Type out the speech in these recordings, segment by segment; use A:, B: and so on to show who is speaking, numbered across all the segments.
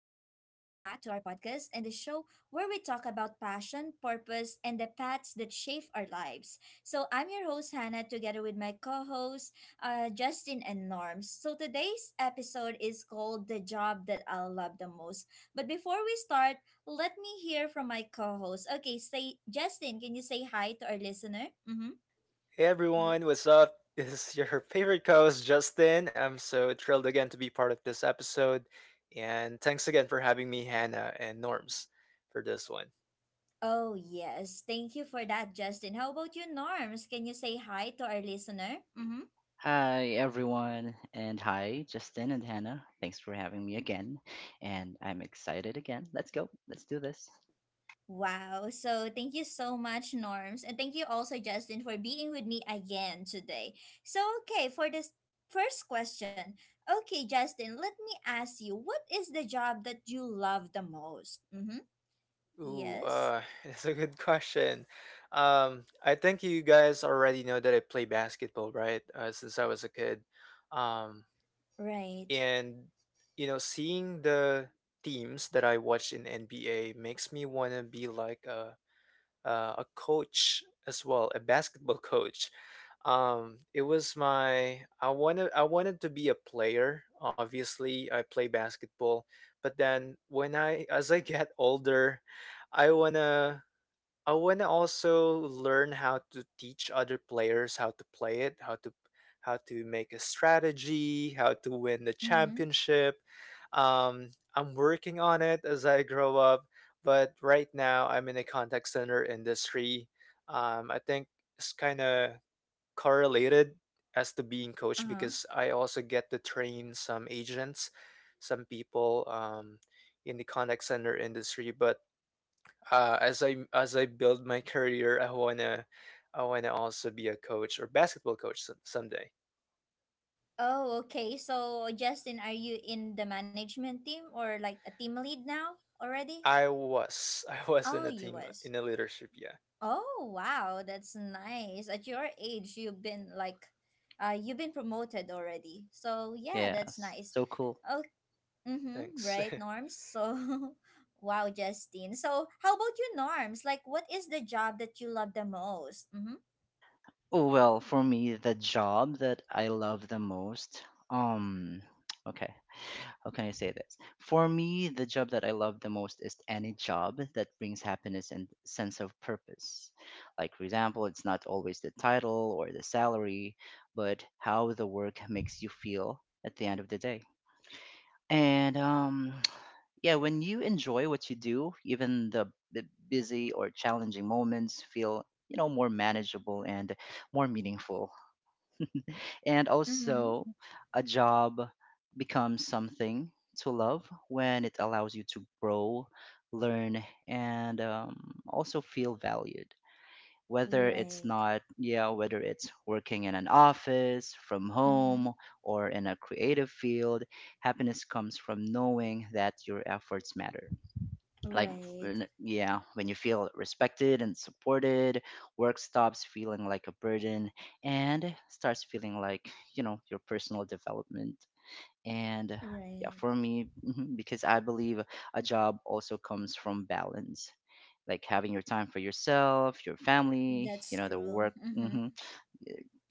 A: back to our podcast and the show where we talk about passion, purpose, and the paths that shape our lives. So, I'm your host, Hannah, together with my co hosts, Justin and Norms. So, today's episode is called The Job That I'll Love the Most. But before we start, let me hear from my co host. Okay, say, Justin, can you say hi to our listener? Mm-hmm. Yeah. Oh, yes. Thank you for that, Justin. How about you, Norms? Can you say hi to our listener? Mm-hmm.
B: Hi, everyone, and hi, Justin and Hannah. Thanks for having me again, and I'm excited again. Let's go. Let's do this.
A: Wow. So, thank you so much, Norms. And thank you also, Justin, for being with me again today. So, okay, for this first question. Okay, Justin, let me ask you, what is the job that you love the most? Mm-hmm. Yes. Right. Mm-hmm. Uh-huh. Oh, okay. So, Justin, are you in the management team or like a team lead now already? Oh, US. Oh, wow, that's nice. At your age, you've been you've been promoted already. So yeah, that's
B: Yes,
A: nice.
B: so cool.
A: Oh, mm-hmm, right, Norms. So, wow, Justine. So, how about you, Norms? Like, what is the job that you love the most? Mm-hmm.
B: Oh, well, for me, the job that I love the most, um, okay, how can I say this? For me, the job that I love the most is any job that brings happiness and sense of purpose. Like, for example, it's not always the title or the salary, but how the work makes you feel at the end of the day. And yeah, when you enjoy what you do, even the busy or challenging moments feel, you know, more manageable and more meaningful. And
A: Mm-hmm.
B: also, a job becomes something to love when it allows you to grow, learn, and also feel valued, whether it's
A: Right.
B: not yeah whether it's working in an office from
A: Mm-hmm.
B: home or in a creative field. Happiness comes from knowing that your efforts matter, like
A: Right.
B: when you feel respected and supported, work stops feeling like a burden and starts feeling like, you know, your personal development. And yeah,
A: Right.
B: for me. Mhm, because I believe a job also comes from balance, like having your time for yourself, your family, you
A: That's
B: know, the
A: true.
B: work,
A: Mm-hmm.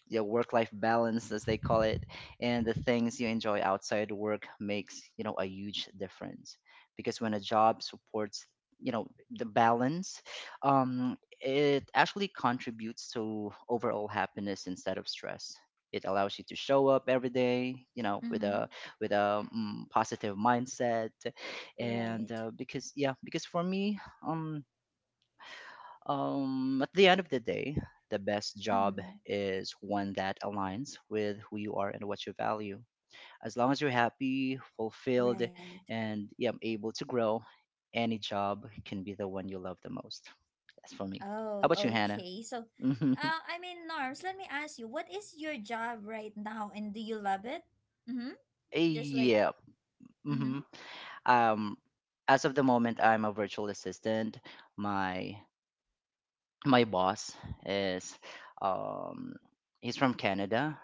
B: your work life balance, as they call it, and the things you enjoy outside work makes, you know, a huge difference. Because when a job supports, you know, the balance, it actually contributes to overall happiness instead of stress. It allows you to show up every day, you know, with a
A: Mm-hmm.
B: with a positive mindset, and
A: Right.
B: because yeah, because for me, um, at the end of the day, the best job
A: Mm-hmm.
B: is one that aligns with who you are and what you value. As long as you're happy, fulfilled,
A: Right.
B: and yeah, able to grow, any job can be the one you love the most. That's for me. How
A: Oh,
B: about you, Hannah?
A: okay.
B: Hmm.
A: I mean, Norms, let me ask you, what is your job right now and do you love it? Mm-hmm. Just like,
B: Yeah.
A: mm-hmm.
B: hmm Um, as of the moment, I'm a virtual assistant. My my boss is, um, he's from Canada.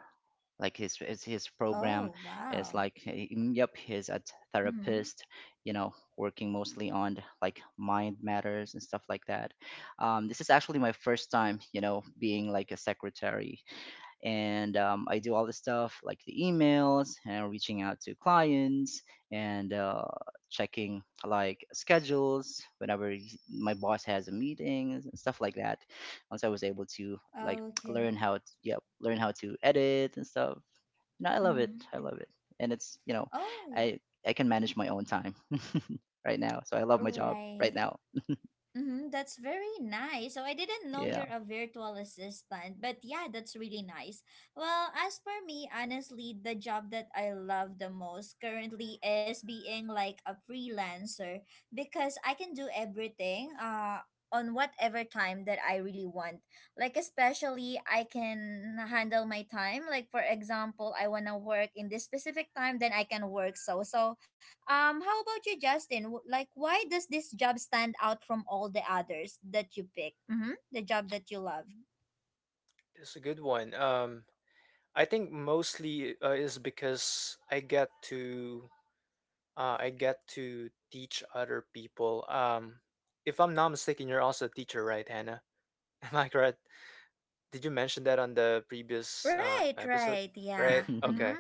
B: Like his program
A: Oh,
B: is
A: wow.
B: like yep, he's a
A: Mm-hmm.
B: therapist, you know, working mostly on like mind matters and stuff like that. This is actually my first time, you know, being like a secretary, and I do all the stuff like the emails and reaching out to clients, and checking like schedules whenever my boss has a meeting and stuff like that. Once I was able to like
A: Okay.
B: learn how to edit and stuff. No, I love it.
A: Mm-hmm.
B: I love it, and it's, you know,
A: Oh, yeah.
B: I I can manage my own time right now, so I love my job right
A: Right.
B: now.
A: Mm-hmm, that's very nice. So I didn't know
B: Yeah.
A: you're a virtual assistant, but yeah, that's really nice. Well, as for me, honestly, the job that I love the most currently is being like a freelancer because I can do everything on whatever time that I really want. Like, especially I can handle my time. Like, for example, I want to work in this specific time, then I can work so. So how about you, Justin? Like, why does this job stand out from all the others that you pick? Mm-hmm. The job that you love. Right, right, yeah. Mm-hmm.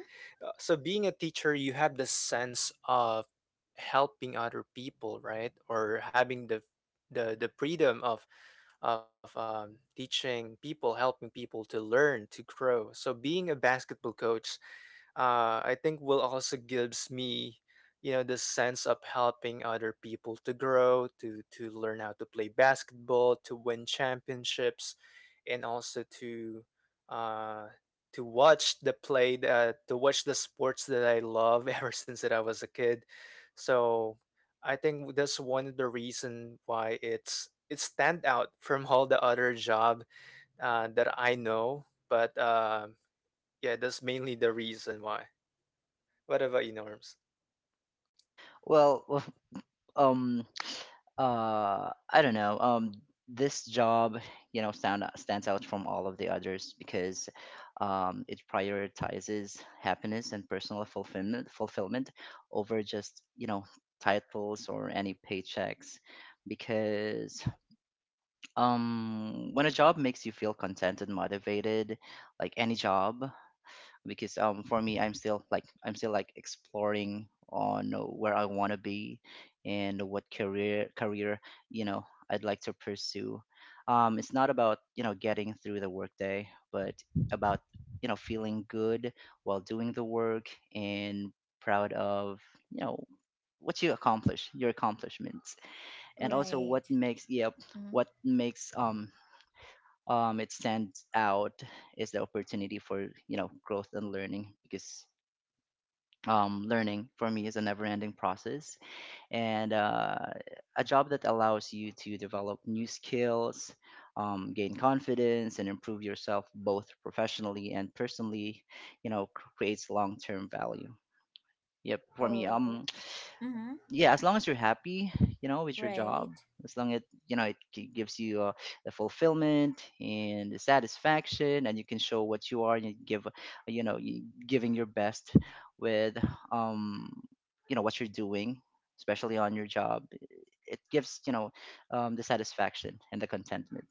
B: Well, um I don't know, this job, you know, stands out from all of the others because it prioritizes happiness and personal fulfillment over just, you know, titles or any paychecks, because when a job makes you feel content and motivated, like any job, because for me, I'm still like exploring on where I want to be and what career, you know, I'd like to pursue. It's not about, you know, getting through the workday, but about, you know, feeling good while doing the work, and proud of, you know, what you accomplish, your accomplishments, and also
A: Right. Mm-hmm.
B: what makes, it stands out is the opportunity for, you know, growth and learning, because learning for me is a never-ending process, and a job that allows you to develop new skills, gain confidence and improve yourself both professionally and personally, you know, creates long-term value, yep, for me.
A: Oh, mm-hmm,
B: Yeah, as long as you're happy, you know, with your job,
A: right.
B: as long as, you know, it gives you the fulfillment and the satisfaction, and you can show what you are, and you give, you know, you giving your best with, um you know, what you're doing, especially on your job, it gives, you know, the satisfaction and the contentment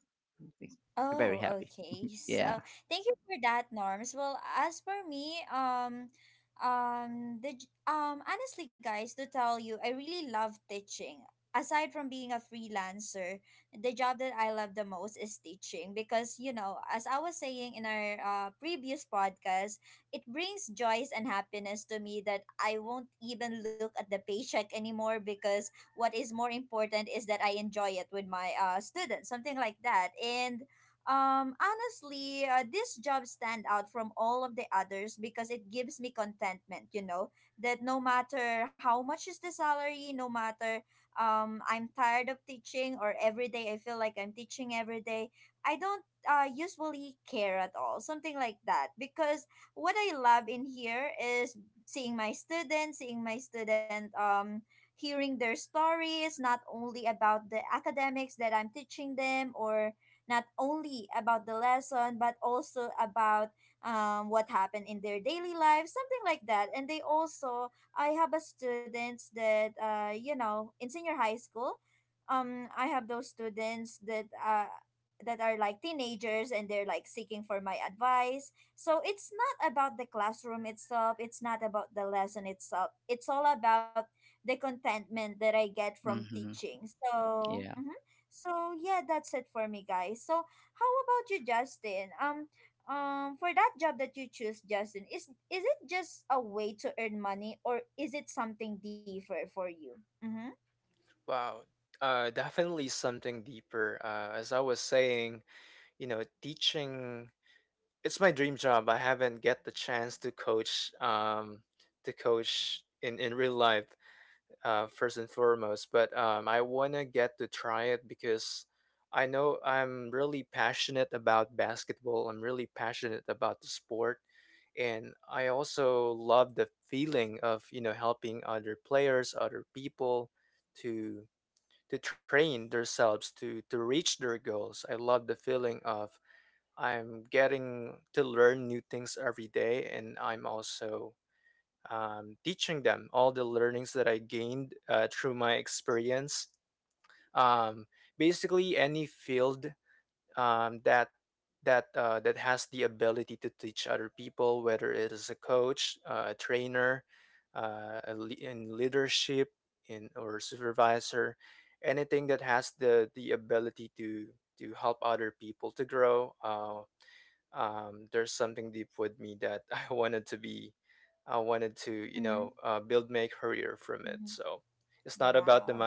B: makes me very
A: Oh,
B: happy.
A: okay. So
B: Yeah.
A: thank you for that, Norms. Well, as for me, honestly, guys, to tell you, I really love teaching. Aside from being a freelancer, the job that I love the most is teaching because, you know, as I was saying in our previous podcast, it brings joys and happiness to me that I won't even look at the paycheck anymore because what is more important is that I enjoy it with my students, something like that, and honestly, this job stand out from all of the others because it gives me contentment, you know, that no matter how much is the salary, no matter I'm tired of teaching or every day I feel like I'm teaching every day, I don't usually care at all. Something like that, because what I love in here is seeing my students, seeing my student hearing their stories, not only about the academics that I'm teaching them or not only about the lesson, but also about what happened in their daily life, something like that, and they also, I have a students that you know, in senior high school, I have those students that that are like teenagers and they're like seeking for my advice. So it's not about the classroom itself, it's not about the lesson itself. It's all about the contentment that I get from
B: Hmm.
A: teaching. So
B: Yeah.
A: mhm. So yeah, that's it for me, guys. So how about you, Justin? For that job that you choose, Justin, is it just a way to earn money, or is it something different for you? Mm-hmm. Mm-hmm. Mm-hmm. Wow.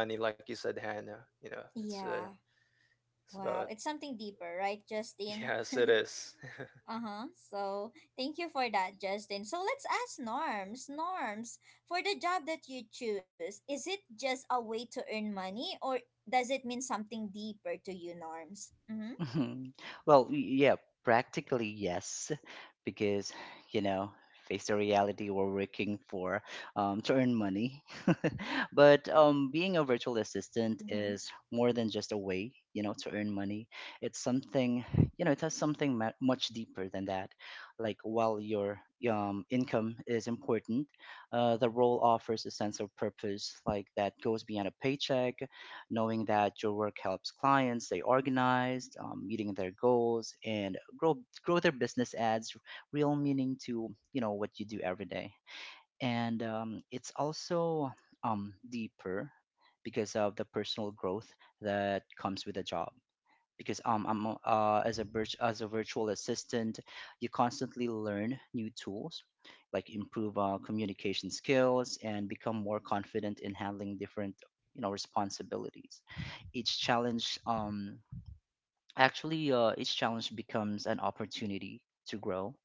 A: Yeah. Wow. It's something deeper, right, Justin? Uh-huh. So thank you for that, Justin. So let's ask Norms. Norms, for the job that you choose, is it just a way to earn money or does it mean something deeper to you, Norms? Mm-hmm.
B: Well, yeah, practically yes, because, you know, face the reality, we're working for, to earn money. But being a virtual assistant
A: Mm-hmm.
B: is more than just a way, you know, to earn money. It's something, you know, it has something much deeper than that. Like, while your income is important, the role offers a sense of purpose, like that goes beyond a paycheck. Knowing that your work helps clients stay organized, meeting their goals, and grow their business ads real meaning to, you know, what you do every day. And it's also deeper because of the personal growth that comes with a job, because as a virtual assistant, you constantly learn new tools, like improve communication skills, and become more confident in handling different, you know, responsibilities. Each challenge Actually, each challenge becomes an opportunity to grow,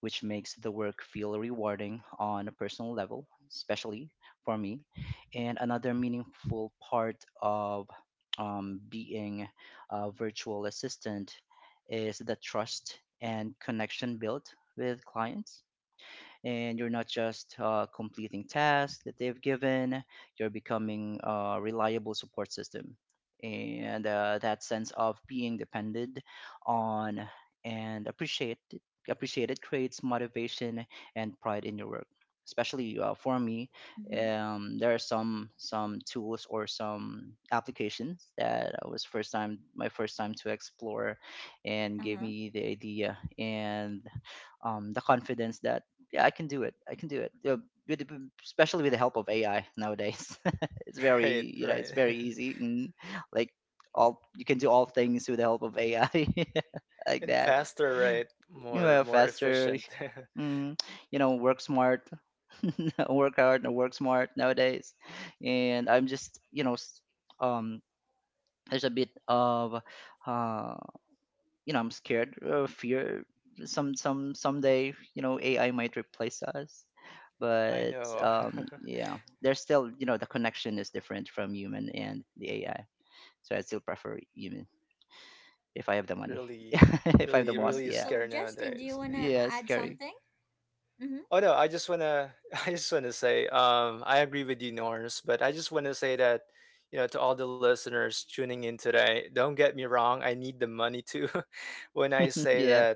B: which makes the work feel rewarding on a personal level, especially for me. And another meaningful part of being a virtual assistant is the trust and connection built with clients, and you're not just completing tasks that they've given. You're becoming a reliable support system, and that sense of being depended on and appreciated creates motivation and pride in your work, especially for me.
A: Mm-hmm.
B: There are some tools or some applications that I was first time my first time to explore, and gave
A: Uh-huh.
B: me the idea, and the confidence that, yeah, I can do it. I can do it. Yeah, with, especially with the help of AI nowadays. It's very, you know, it's very easy. And like, all you can do all things with the help of AI, like that. You know, faster. Mm, you know, work smart, work hard, and work smart nowadays. And I'm just, you know, um, there's a bit of uh, you know, I'm scared of fear someday, you know, AI might replace us. But yeah, there's still, you know, the connection is different from human and the AI, so I still prefer human, if I have the money. If I'm the boss,
A: Mm-hmm.
B: yeah.
A: So Justin, do you wanna
B: Yeah,
A: add
B: scary.
A: something? Mm-hmm.
B: Yeah.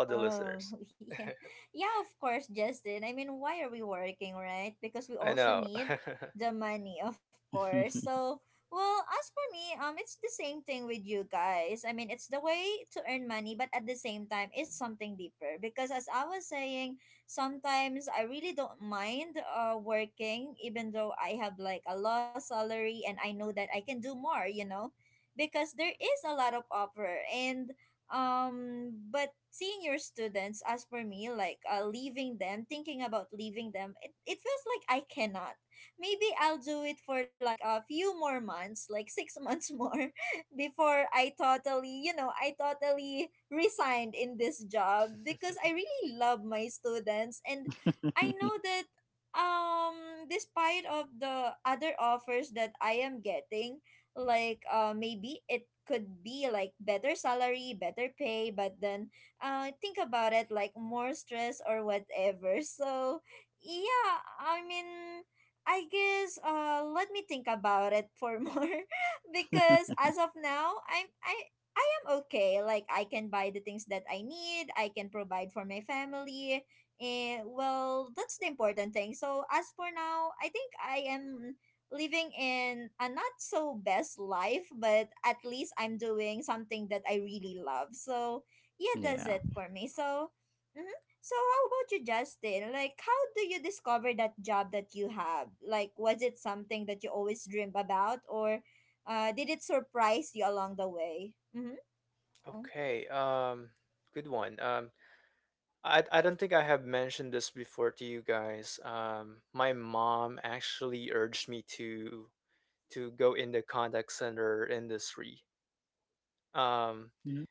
A: Oh, yeah. Yeah, of course, Justin. I mean, why are we working, right? Because we also need the money, of course. So, well, as for me, it's the same thing with you guys. I mean, it's the way to earn money, but at the same time, it's something deeper because, as I was saying, sometimes I really don't mind working even though I have like a low salary and I know that I can do more, you know? Because there is a lot of offer, and but seeing your students, as for me, like leaving them thinking about leaving them, it feels like I cannot. Maybe I'll do it for like a few more months, like six months more, before I totally, you know, I totally resigned in this job, because I really love my students, and I know that despite of the other offers that I am getting, like maybe it could be like better salary, better pay, but then, think about it like more stress or whatever. So yeah, I mean, I guess, let me think about it for more, because as of now, I am okay. Like, I can buy the things that I need. I can provide for my family. Eh, well, that's the important thing. So as for now, I think I am living in a not so best life, but at least I'm doing something that I really love. So yeah, that's
B: Yeah.
A: it for me. So, mm-hmm. So how about you, Justin? Like, how do you discover that job that you have? Like, was it something that you always dreamed about, or did it surprise you along the way? Mm-hmm. Oh.
B: Mhm.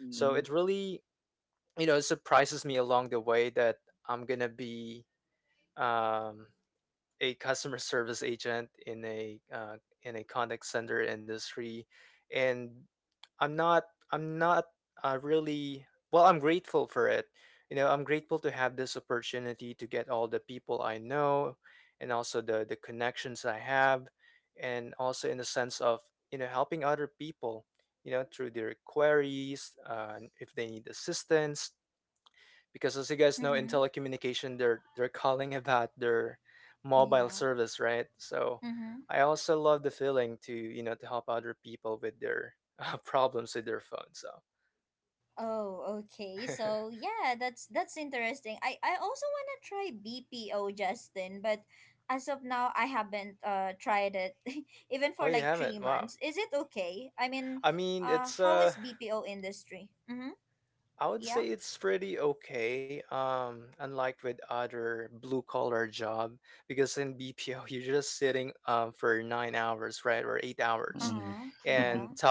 B: Mhm.
A: Mm-hmm. Yeah. Oh, okay. So yeah, that's interesting. I also want to try BPO, Justin, but as of now, I haven't tried it even for like 3 months. Is it okay? I mean, how is BPO industry? Mm-hmm. Yeah.
B: Mhm.
A: Uh-huh.
B: Mhm.
A: Yeah.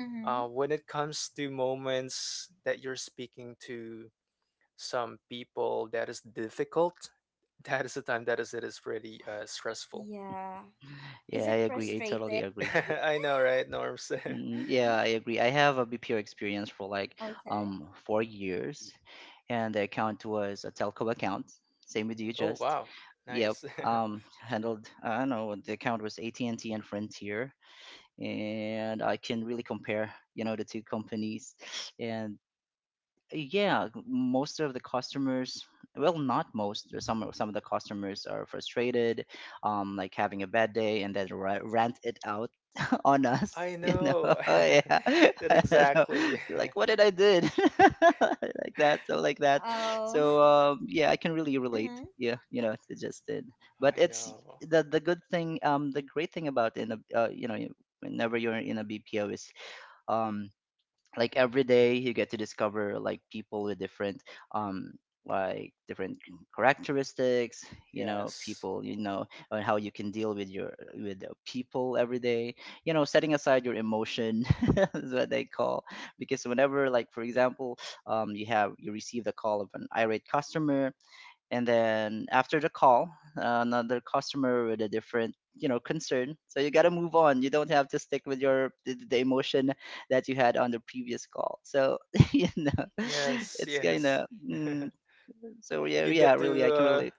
A: Mm-hmm. Yeah. Is
B: Yeah,
A: it
B: I totally
A: frustrating?
B: agree. Mm, yeah,
A: mm-hmm.
B: I agree. I have a BPO experience for like
A: Okay.
B: 4 years, and the account was a telco account. Same with you, just. Yep. Handled. I don't know. The account was AT&T and T and Frontier, and I can really compare, you know, the two companies, and yeah, most of the customers, well, not most, there's some of the customers are frustrated, like having a bad day and then rant it out on us. You know. Yeah. So, like, what did I did. Like that. So like that. So
A: Oh.
B: yeah, I can really relate,
A: Mm-hmm.
B: yeah, you know, it just did. But it's the good thing, the great thing about in a, you know, whenever you're in a BPO is, um like, every day you get to discover like people with different, um different characteristics, you know, people, you know, and how you can deal with your, with the people every day, you know, setting aside your emotion. Is what they call. Because whenever, like, for example, you receive the call of an irate customer, and then after the call, another customer with a different, you know, concern, so you got to move on, you don't have to stick with your, the emotion that you had on the previous call. So you know, it's kind of mm, so yeah, yeah, really, I can relate.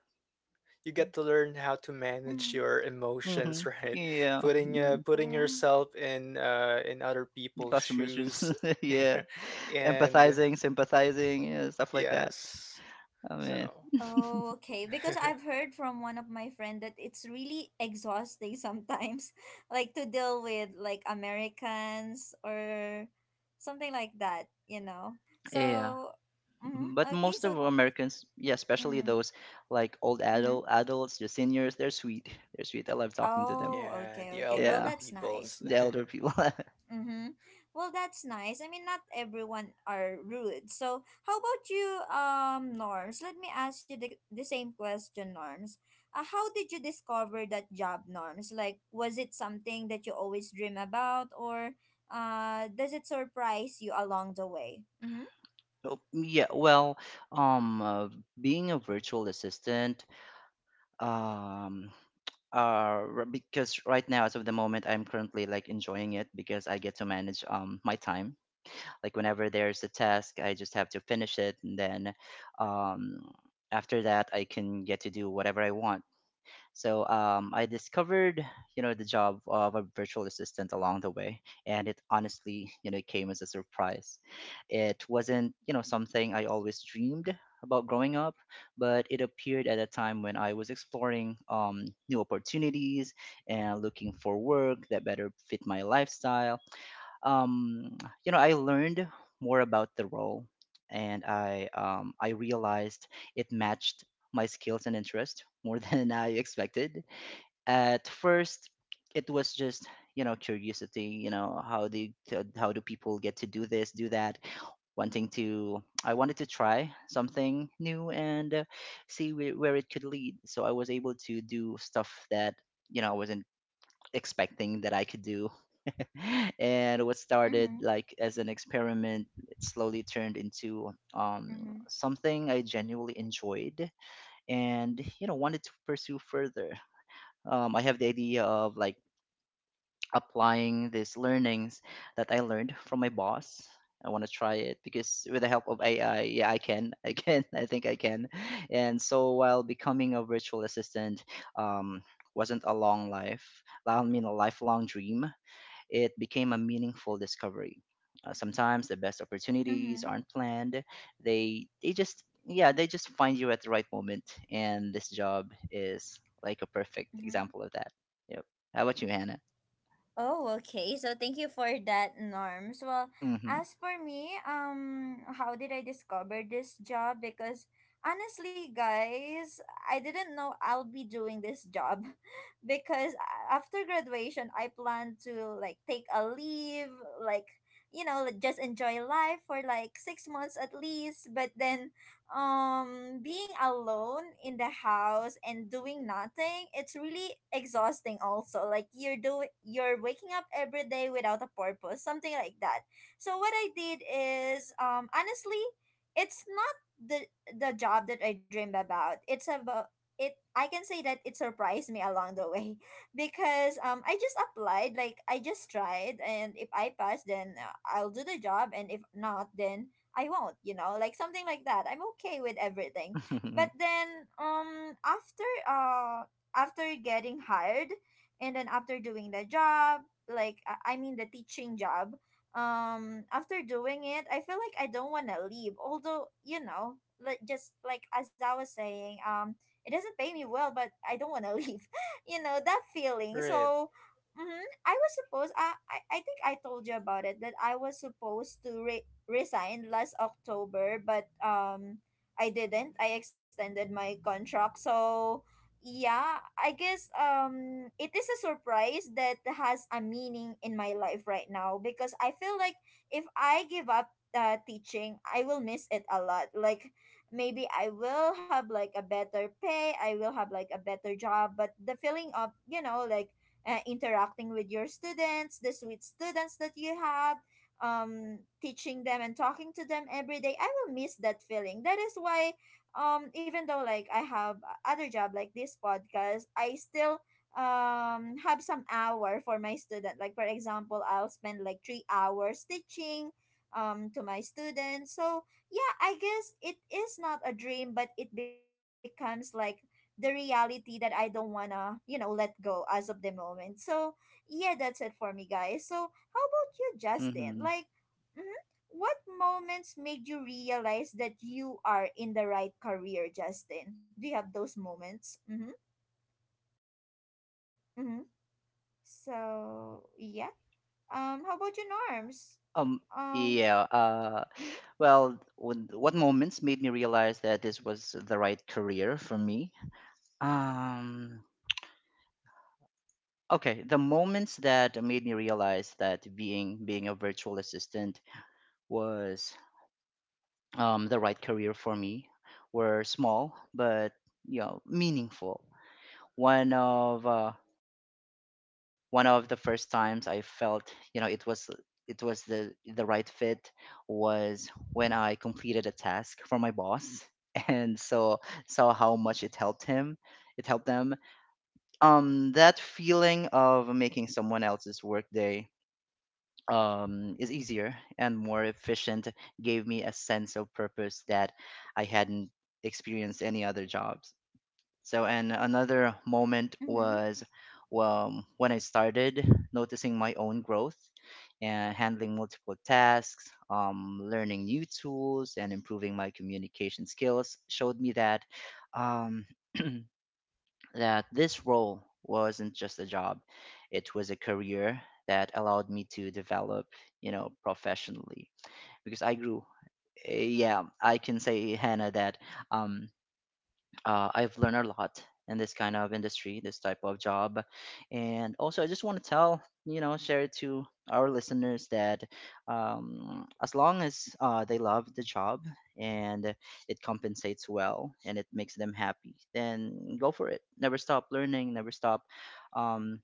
B: Hmm. Yeah. Mm,
A: Mm-hmm.
B: customers just. Yeah, empathizing, sympathizing, yeah, stuff like that. I mean,
A: Oh, okay. Because I've heard from one of my friend that it's really exhausting sometimes, like to deal with like Americans or something like that, you know.
B: yeah.
A: So, mm-hmm,
B: Mhm. But
A: okay.
B: most
A: So,
B: of Americans, yeah, especially
A: mm,
B: those like old
A: mm-hmm.
B: adult adults, the seniors, they're sweet. They're sweet. I love talking to them.
A: Oh, okay, okay. Well,
B: Yeah,
A: that's nice.
B: the elder people.
A: Mm-hmm. Well, that's nice. I mean, not everyone are rude. So, how about you, Norms? Let me ask you the same question, Norms. How did you discover that job, Norms? Like, was it something that you always dream about, or does it surprise you along the way? Mm-hmm.
B: Oh, yeah, well, um, uh, being a virtual assistant, um, because right now, as of the moment, I'm currently like enjoying it because I get to manage my time. Like, whenever there's a task, I just have to finish it, and then, um, after that, I can get to do whatever I want. So I discovered, you know, the job of a virtual assistant along the way, and it honestly, you know, came as a surprise. It wasn't, something I always dreamed about growing up, but it appeared at a time when I was exploring new opportunities and looking for work that better fit my lifestyle. um, I learned more about the role, and I realized it matched my skills and interest more than I expected. At first, it was just curiosity. You know, how do people get to do this, do that? I wanted to try something new and see where it could lead. So I was able to do stuff that I wasn't expecting that I could do. And what started
A: Mm-hmm.
B: like as an experiment, it slowly turned into
A: Mm-hmm.
B: something I genuinely enjoyed and wanted to pursue further. I have the idea of like applying these learnings that I learned from my boss. I want to try it because with the help of AI, yeah, I can, I can, I think I can. And so, while becoming a virtual assistant, um, wasn't a long lifelong dream, it became a meaningful discovery. Sometimes the best opportunities
A: Mm-hmm.
B: aren't planned. They just, yeah, they just find you at the right moment, and this job is like a perfect
A: Mm-hmm.
B: example of that. Yep. How about you, Hannah?
A: Oh, okay. So thank you for that, Norms. Well,
B: Mm. Mhm.
A: as for me, how did I discover this job? Because honestly, guys, I didn't know I'll be doing this job because after graduation, I plan to like take a leave, like, you know, like, just enjoy life for like 6 months at least. But then being alone in the house and doing nothing, it's really exhausting also. Like, you're doing, you're waking up every day without a purpose, something like that. So what I did is, honestly, it's not the the job that I dreamed about. It's about it I can say that it surprised me along the way because I just applied. Like, I just tried, and if I pass, then I'll do the job, and if not, then I won't, you know, like something like that. I'm okay with everything. But
B: Mm.
A: then um after uh after getting hired and then after doing the job, like I mean the teaching job, after doing it, I feel like I don't want to leave. Although, you know, like, just like as I was saying, it doesn't pay me well, but I don't want to leave. You know, that feeling. So mm-hmm. I was supposed, I think I told you about it that I was supposed to re resigned last October, but I didn't. I extended my contract. So, yeah, I guess it is a surprise that has a meaning in my life right now, because I feel like if I give up teaching, I will miss it a lot. Like, maybe I will have like a better pay, I will have like a better job, but the feeling of, you know, like, interacting with your students, the sweet students that you have, teaching them and talking to them every day, I will miss that feeling. That is why even though like I have other job like this podcast, I still have some hour for my student. Like, for example, I'll spend like 3 hours teaching to my students. So yeah, I guess it is not a dream, but it becomes like the reality that I don't wanna, you know, let go as of the moment. So yeah, that's it for me, guys. So how about you, Justin?
B: Mhm.
A: Like, mhm, what moments made you realize that you are in the right career, Justin? Do you have those moments? Mm-hmm. Mm-hmm. So, yeah. How about you, Norms?
B: Um
A: Um,
B: yeah,
A: mm-hmm,
B: well, what moments made me realize that this was the right career for me? Um okay, the moments that made me realize that being a virtual assistant was the right career for me were small but meaningful. one of uh, One of the first times I felt, it was, it was the right fit, was when I completed a task for my boss, and so saw how much it helped him, it helped them. That feeling of making someone else's workday is easier and more efficient gave me a sense of purpose that I hadn't experienced any other jobs. So, and another moment
A: mm-hmm.
B: was when I started noticing my own growth and handling multiple tasks, learning new tools, and improving my communication skills showed me that. Um, that this role wasn't just a job, it was a career that allowed me to develop, professionally, because I grew. Yeah, I can say, Hannah, that, um, I've learned a lot in this kind of industry, this type of job. And also, I just want to tell, share it to our listeners that, as long as they love the job and it compensates well and it makes them happy, then go for it. Never stop learning, never stop, um,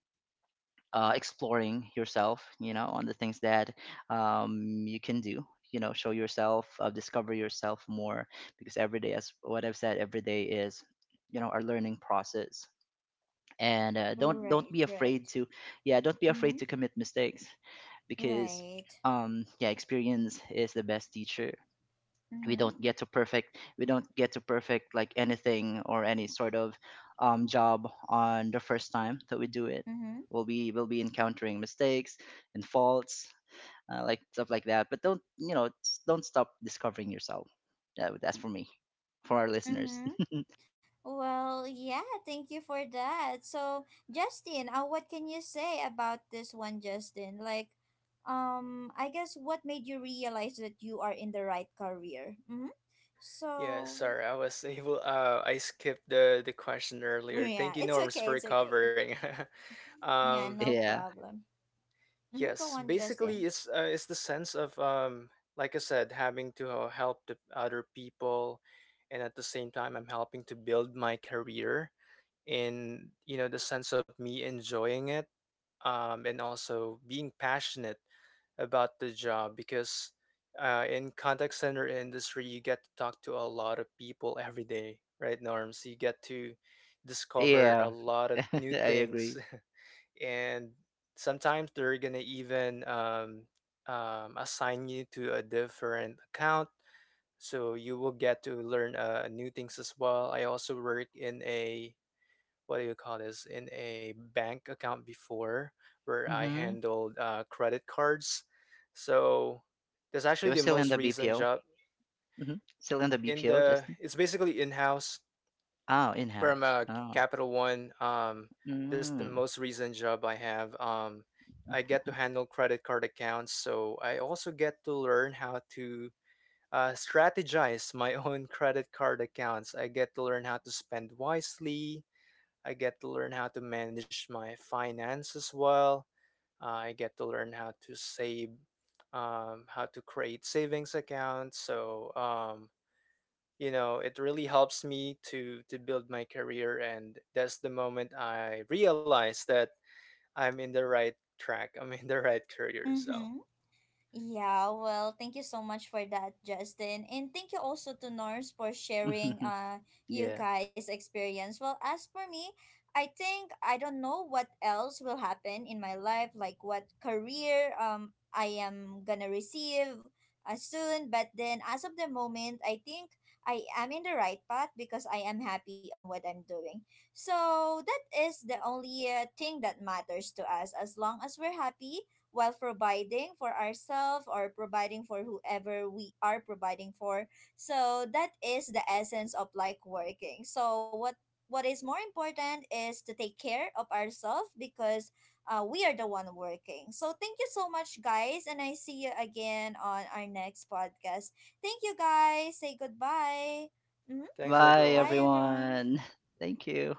B: exploring yourself, on the things that you can do. You know, show yourself, discover yourself more, because every day, as what I've said, every day is, our learning process. And don't
A: Right,
B: be afraid
A: right.
B: to, yeah, don't be afraid
A: Mm-hmm.
B: to commit mistakes because,
A: Right.
B: yeah, experience is the best teacher.
A: Mm-hmm.
B: We don't get to perfect like anything or any sort of job on the first time that we do it.
A: Mm-hmm.
B: We'll be encountering mistakes and faults, like stuff like that. But don't, don't stop discovering yourself. Yeah, that's for me, for our listeners.
A: Mm-hmm. Well, yeah, thank you for that. So, Justin, what can you say about this one, Justin? Like, I guess what made you realize that you are in the right career? Mm-hmm.
C: Yeah,
A: So,
C: sorry, I was able. I skipped the question earlier.
A: yeah,
C: Thank you,
A: it's
C: Norms,
A: okay,
C: for
A: it's okay.
C: covering.
A: Yeah,
C: um,
A: no
B: Yeah.
A: problem. Mm-hmm, go
C: yes,
A: on,
C: basically,
A: Justin.
C: it's the sense of like I said, having to help the other people, and at the same time, I'm helping to build my career in the sense of me enjoying it, and also being passionate about the job because in contact center industry you get to talk to a lot of people every day, right, Norms? You get to discover
B: Yeah.
C: a lot of
B: I
C: new things
B: agree.
C: and sometimes they're gonna even assign you to a different account, so you will get to learn new things as well. I also work in a, what do you call this, in a bank account before, where I
B: Mm-hmm.
C: handled credit cards. So that's
B: You
C: actually
B: were
C: the
B: still in
C: most
B: the
C: recent
B: BPO?
C: job.
B: Mm-hmm. Still in the
C: In
B: BPO,
C: the
B: Justin?
C: It's basically in-house
B: Oh,
C: from
B: in-house.
C: a
B: Oh.
C: Capital One. This the
B: Mm.
C: most recent job I have. I get to handle credit card accounts, so I also get to learn how to strategize my own credit card accounts. I get to learn how to spend wisely, I get to learn how to manage my finance as well. I get to learn how to save, how to create savings accounts. So you know, it really helps me to build my career, and that's the moment I realize that I'm in the right track. I'm in the right career. So
A: Mm-hmm. Yeah, well, thank you so much for that, Justin. And thank you also to Norms for sharing you
B: Yeah.
A: guys' experience. Well, as for me, I think I don't know what else will happen in my life, like what career I am gonna receive soon, but then as of the moment, I think I am in the right path because I am happy on what I'm doing. So, that is the only thing that matters to us, as long as we're happy while providing for ourselves or providing for whoever we are providing for. So that is the essence of like working. So what is more important is to take care of ourselves, because we are the one working. So thank you so much, guys, and I see you again on our next podcast. Thank you, guys. Say goodbye. Hmm
C: thanks
B: Bye,
A: Bye,
C: everyone. Bye.
A: everyone.
B: everyone. Thank you.